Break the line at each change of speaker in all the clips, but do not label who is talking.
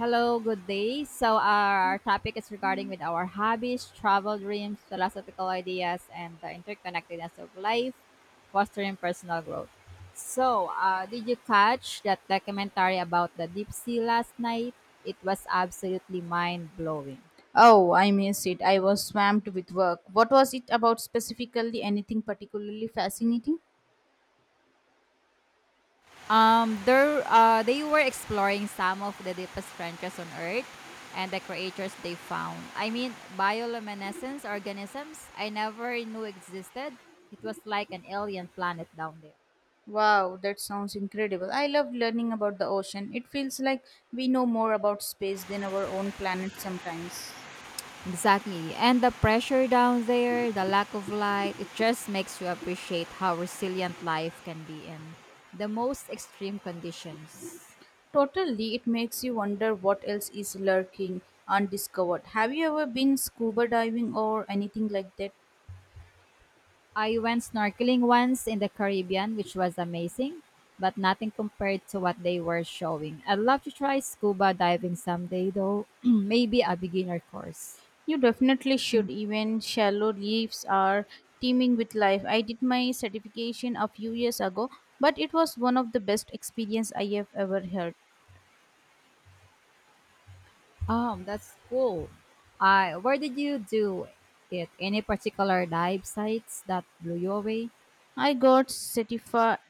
Hello, good day. So our topic is regarding with our hobbies, travel dreams, philosophical ideas, and the interconnectedness of life, fostering personal growth. Did you catch that documentary about the deep sea last night? It was absolutely mind blowing.
Oh, I missed it. I was swamped with work. What was it about specifically? Anything particularly fascinating?
They were exploring some of the deepest trenches on Earth and the creatures they found. I mean, bioluminescence organisms I never knew existed. It was like an alien planet down there.
Wow, that sounds incredible. I love learning about the ocean. It feels like we know more about space than our own planet sometimes.
Exactly. And the pressure down there, the lack of light, it just makes you appreciate how resilient life can be in the most extreme conditions.
Totally, it makes you wonder what else is lurking undiscovered. Have you ever been scuba diving or anything like that?
I went snorkeling once in the Caribbean, which was amazing, but nothing compared to what they were showing. I'd love to try scuba diving someday, though, maybe a beginner course.
You definitely should. Even shallow reefs are teeming with life. I did my certification a few years ago, but it was one of the best experience I have ever had.
That's cool. Where did you do it? Any particular dive sites that blew you away?
I got certified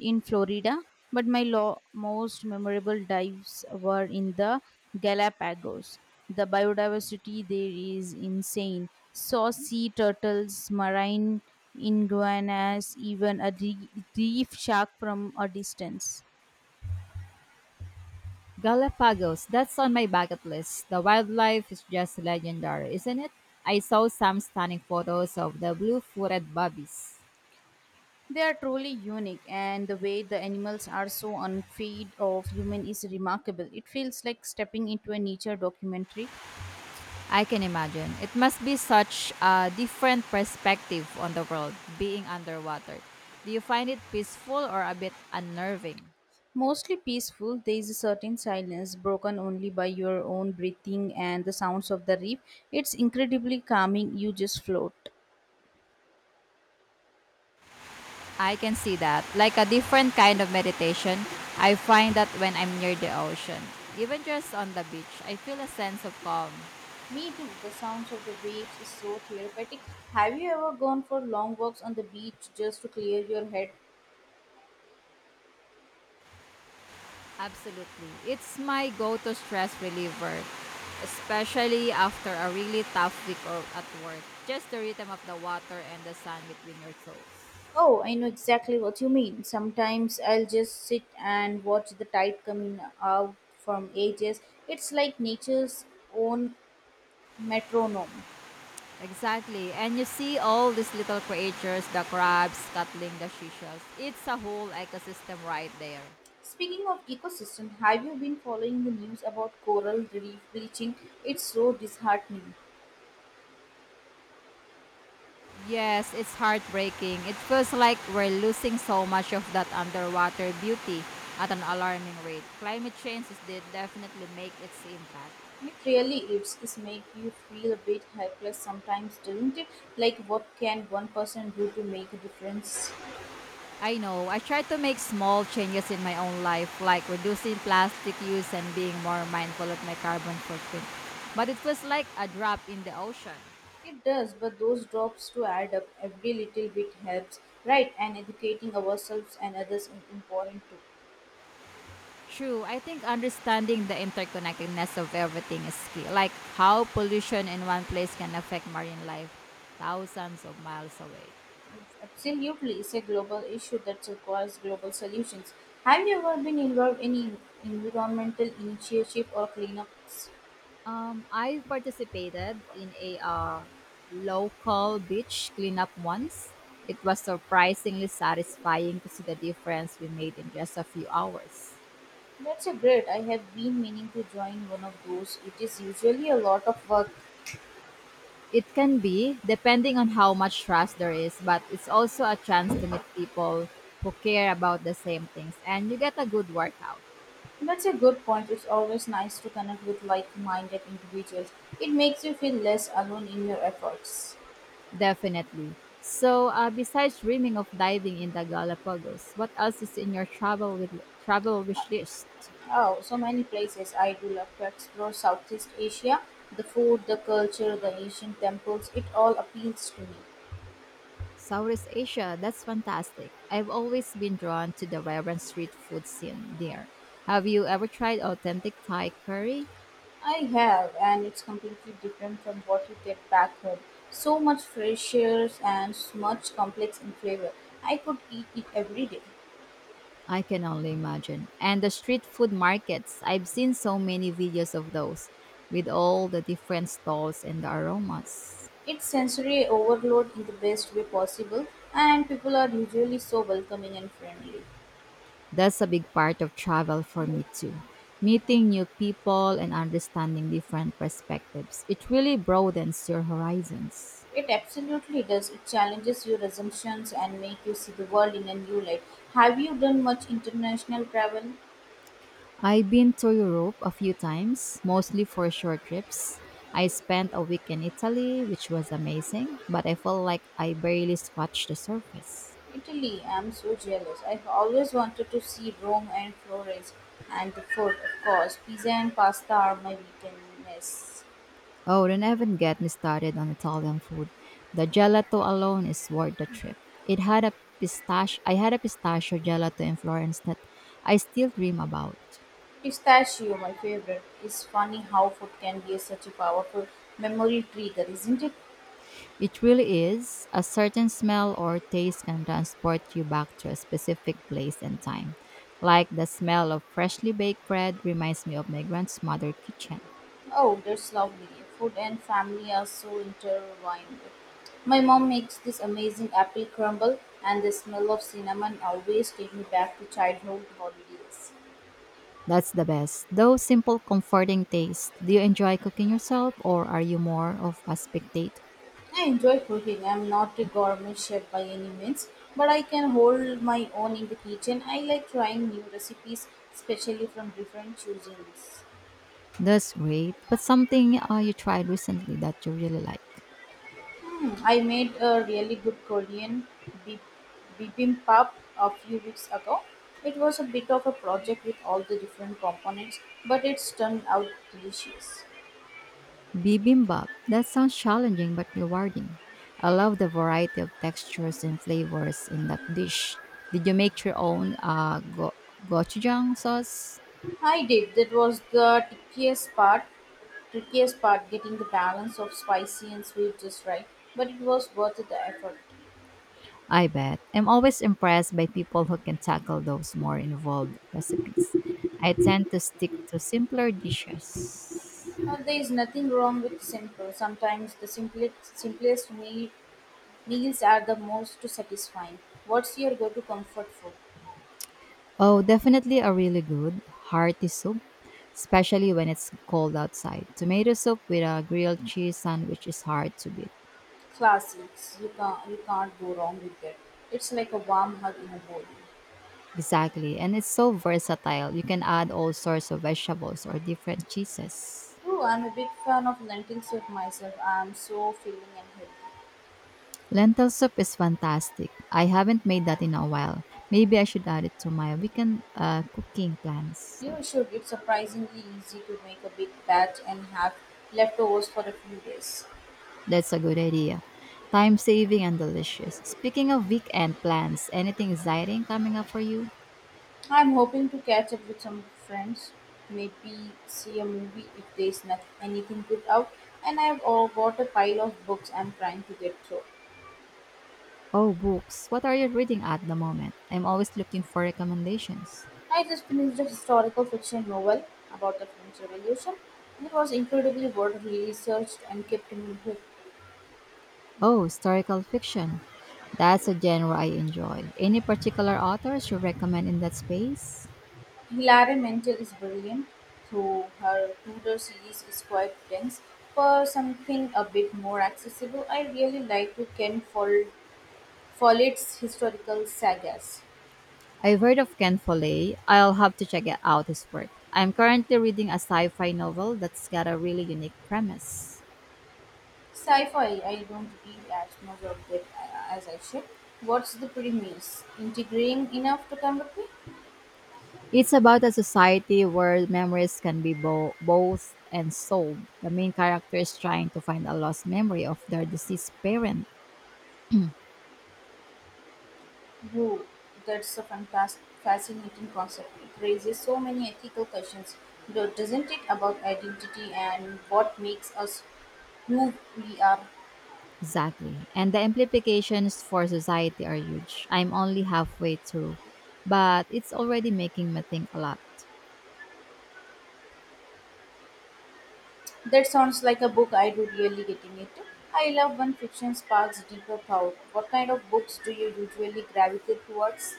in Florida, but my most memorable dives were in the Galapagos. The biodiversity there is insane. Saw sea turtles, marine iguanas, even a reef shark from a distance.
Galapagos, that's on my bucket list. The wildlife is just legendary, isn't it? I saw some stunning photos of the blue footed bobbies.
They are truly unique, and the way the animals are so unfeed of human is remarkable. It feels like stepping into a nature documentary.
I can imagine. It must be such a different perspective on the world being underwater. Do you find it peaceful or a bit unnerving?
Mostly peaceful, there is a certain silence broken only by your own breathing and the sounds of the reef. It's incredibly calming, you just float.
I can see that. Like a different kind of meditation, I find that when I'm near the ocean, even just on the beach, I feel a sense of calm.
Me too, the sounds of the waves is so therapeutic. Have you ever gone for long walks on the beach just to clear your head?
Absolutely. It's my go to stress reliever, especially after a really tough week or at work. Just the rhythm of the water and the sun between your toes.
Oh, I know exactly what you mean. Sometimes I'll just sit and watch the tide coming out from ages. It's like nature's own metronome.
Exactly. And you see all these little creatures, the crabs scuttling the seashells. It's a whole ecosystem right there.
Speaking of ecosystem, have you been following the news about coral reef bleaching? It's so disheartening.
Yes, it's heartbreaking. It feels like we're losing so much of that underwater beauty at an alarming rate. Climate change is definitely make its impact.
It really is. It makes you feel a bit helpless sometimes, doesn't it? Like what can one person do to make a difference?
I know. I try to make small changes in my own life, like reducing plastic use and being more mindful of my carbon footprint. But it feels like a drop in the ocean.
It does, but those drops to add up every little bit helps, right? And educating ourselves and others is important too.
True. I think understanding the interconnectedness of everything is key, like how pollution in one place can affect marine life thousands of miles away.
Absolutely, it's a global issue that requires global solutions. Have you ever been involved in environmental initiative or cleanups?
I participated in a local beach cleanup once. It was surprisingly satisfying to see the difference we made in just a few hours.
That's a great. I have been meaning to join one of those. It is usually a lot of work.
It can be, depending on how much trust there is, but it's also a chance to meet people who care about the same things and you get a good workout.
That's a good point. It's always nice to connect with like minded individuals. It makes you feel less alone in your efforts.
Definitely. Besides dreaming of diving in the Galapagos, what else is in your travel wish list?
Oh, so many places. I do love to explore Southeast Asia. The food, the culture, the ancient temples, it all appeals to me.
Southeast Asia, that's fantastic. I've always been drawn to the vibrant street food scene there. Have you ever tried authentic Thai curry?
I have, and it's completely different from what you get back home. So much fresh air and much complex in flavor. I could eat it every day.
I can only imagine. And the street food markets, I've seen so many videos of those with all the different stalls and the aromas.
It's sensory overload in the best way possible, and people are usually so welcoming and friendly.
That's a big part of travel for me too. Meeting new people and understanding different perspectives. It really broadens your horizons.
It absolutely does. It challenges your assumptions and make you see the world in a new light. Have you done much international travel?
I've been to Europe a few times, mostly for short trips. I spent a week in Italy, which was amazing, but I felt like I barely scratched the surface.
Italy, I'm so jealous. I've always wanted to see Rome and Florence and the food, of course. Pizza and pasta are my weakness.
Oh, don't even get me started on Italian food. The gelato alone is worth the trip. It had a pistach I had a pistachio gelato in Florence that I still dream about.
Pistachio, my favorite. It's funny how food can be such a powerful memory trigger, isn't it?
It really is. A certain smell or taste can transport you back to a specific place and time. Like the smell of freshly baked bread reminds me of my grandmother's kitchen.
Oh, that's lovely. Food and family are so intertwined. My mom makes this amazing apple crumble, and the smell of cinnamon always takes me back to childhood holidays.
That's the best, though simple, comforting taste. Do you enjoy cooking yourself or are you more of a spectator?
I enjoy cooking. I'm not a gourmet chef by any means, but I can hold my own in the kitchen. I like trying new recipes, especially from different cuisines.
That's great. But something you tried recently that you really like.
I made a really good Korean bib- bibimbap a few weeks ago. It was a bit of a project with all the different components, but it's turned out delicious.
Bibimbap. That sounds challenging but rewarding. I love the variety of textures and flavors in that dish. Did you make your own gochujang sauce?
I did. That was the trickiest part. Trickiest part, getting the balance of spicy and sweet just right. But it was worth the effort.
I bet. I'm always impressed by people who can tackle those more involved recipes. I tend to stick to simpler dishes.
There is nothing wrong with simple. Sometimes the simplest meals are the most satisfying. What's your go-to comfort food?
Oh, definitely a really good, hearty soup, especially when it's cold outside. Tomato soup with a grilled cheese sandwich is hard to beat.
Classics. You can't go wrong with that. It's like a warm hug in a bowl.
Exactly. And it's so versatile. You can add all sorts of vegetables or different cheeses.
Ooh, I'm a big fan of lentil soup myself. I'm so filling and healthy.
Lentil soup is fantastic. I haven't made that in a while. Maybe I should add it to my weekend cooking plans.
You should. It's surprisingly easy to make a big batch and have leftovers for a few days.
That's a good idea. Time saving and delicious. Speaking of weekend plans, anything exciting coming up for you?
I'm hoping to catch up with some friends, maybe see a movie if there's not anything good out. And I've all got a pile of books I'm trying to get through.
Oh, books. What are you reading at the moment? I'm always looking for recommendations.
I just finished a historical fiction novel about the French Revolution. It was incredibly well researched and kept in hook.
Oh, historical fiction. That's a genre I enjoy. Any particular authors you recommend in that space?
Hilary Mantel is brilliant, though her Tudor series is quite dense. For something a bit more accessible, I really like to Follett's historical sagas.
I've heard of Ken Follett. I'll have to check it out his work. I'm currently reading a sci-fi novel that's got a really unique premise.
Sci-fi, I don't read as much of that as I should. What's the premise? Intriguing enough to come with me?
It's about a society where memories can be both and sold. The main character is trying to find a lost memory of their deceased parent.
Brew, that's a fascinating concept. It raises so many ethical questions, doesn't it, about identity and what makes us who we are.
Exactly. And the implications for society are huge. I'm only halfway through, but it's already making me think a lot.
That sounds like a book I would really get into. I love when fiction sparks deeper thought. What kind of books do you usually gravitate towards?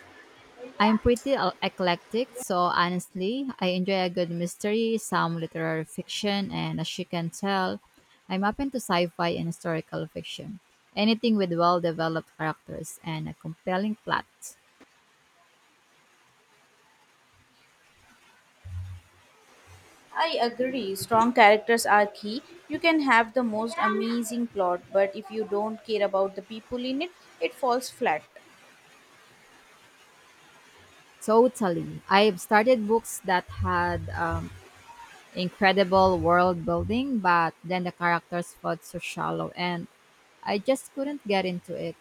I'm pretty eclectic, so honestly, I enjoy a good mystery, some literary fiction, and as you can tell, I'm open to sci fi and historical fiction. Anything with well developed characters and a compelling plot.
I agree. Strong characters are key. You can have the most amazing plot, but if you don't care about the people in it, it falls flat.
Totally. I've started books that had incredible world building, but then the characters felt so shallow and I just couldn't get into it.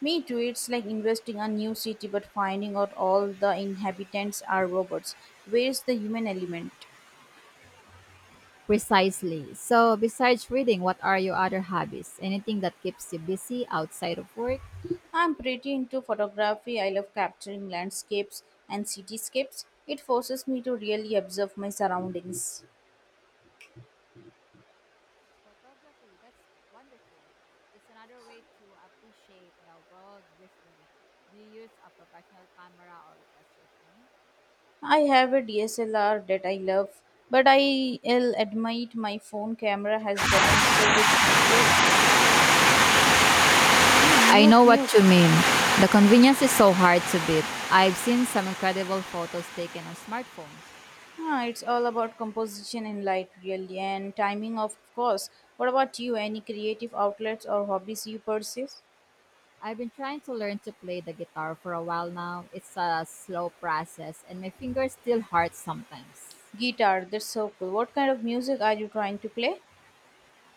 Me too, it's like investing a new city but finding out all the inhabitants are robots. Where's the human element?
Precisely. So, besides reading, what are your other hobbies? Anything that keeps you busy outside of work?
I'm pretty into photography. I love capturing landscapes and cityscapes. It forces me to really observe my surroundings.
Photography, that's wonderful. It's another way to appreciate the world visually. Do you use a professional camera or just your phone?
I have a DSLR that I love, but I'll admit my phone camera has gotten so good these days. Hmm,
I
mute,
know what
mute.
you mean. The convenience is so hard to beat. I've seen some incredible photos taken on smartphones.
Ah, it's all about composition in light, really, and timing, of course. What about you? Any creative outlets or hobbies you pursue?
I've been trying to learn to play the guitar for a while now. It's a slow process and my fingers still hurt sometimes.
Guitar, that's so cool. What kind of music are you trying to play?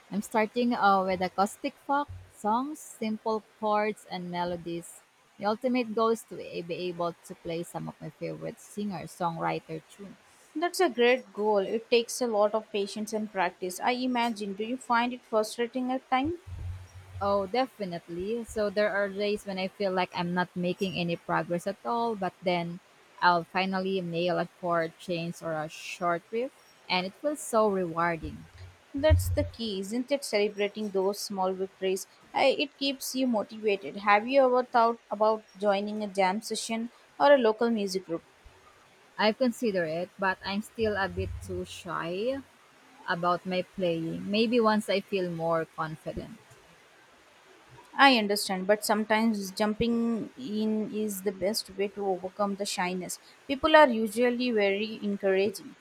I'm starting with acoustic folk songs, simple chords and melodies. The ultimate goal is to be able to play some of my favorite singer songwriter tunes.
That's a great goal. It takes a lot of patience and practice. I imagine. Do you find it frustrating at times?
Oh, definitely. So there are days when I feel like I'm not making any progress at all, but then I'll finally nail a chord change or a short riff, and it feels so rewarding.
That's the key, isn't it? Celebrating those small victories. I, it keeps you motivated. Have you ever thought about joining a jam session or a local music group?
I've considered it, but I'm still a bit too shy about my playing. Maybe once I feel more confident.
I understand, but sometimes jumping in is the best way to overcome the shyness. People are usually very encouraging.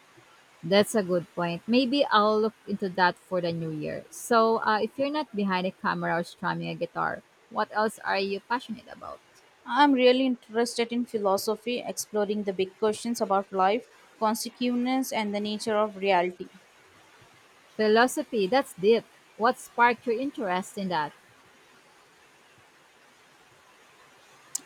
That's a good point. Maybe I'll look into that for the new year. If you're not behind a camera or strumming a guitar, what else are you passionate about?
I'm really interested in philosophy, exploring the big questions about life, consequence, and the nature of reality.
Philosophy, that's deep. What sparked your interest in that?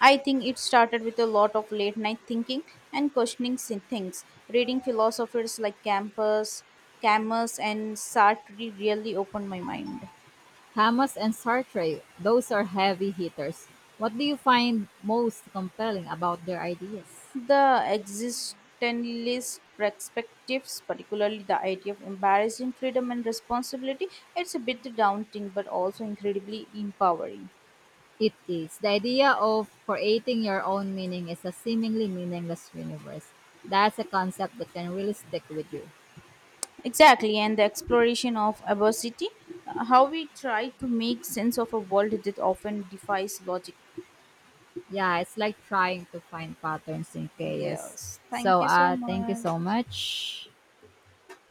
I think it started with a lot of late night thinking and questioning things. Reading philosophers like Campus, Camus, and Sartre really opened my mind.
Hamas and Sartre, those are heavy hitters. What do you find most compelling about their ideas?
The existentialist perspectives, particularly the idea of embarrassing freedom and responsibility, it's a bit daunting but also incredibly empowering.
It is. The idea of creating your own meaning is a seemingly meaningless universe. That's a concept that can really stick with you.
Exactly, and the exploration of adversity, how we try to make sense of a world that often defies logic.
Yeah, it's like trying to find patterns in chaos.
Yes, thank you so
Thank you
much.
so much.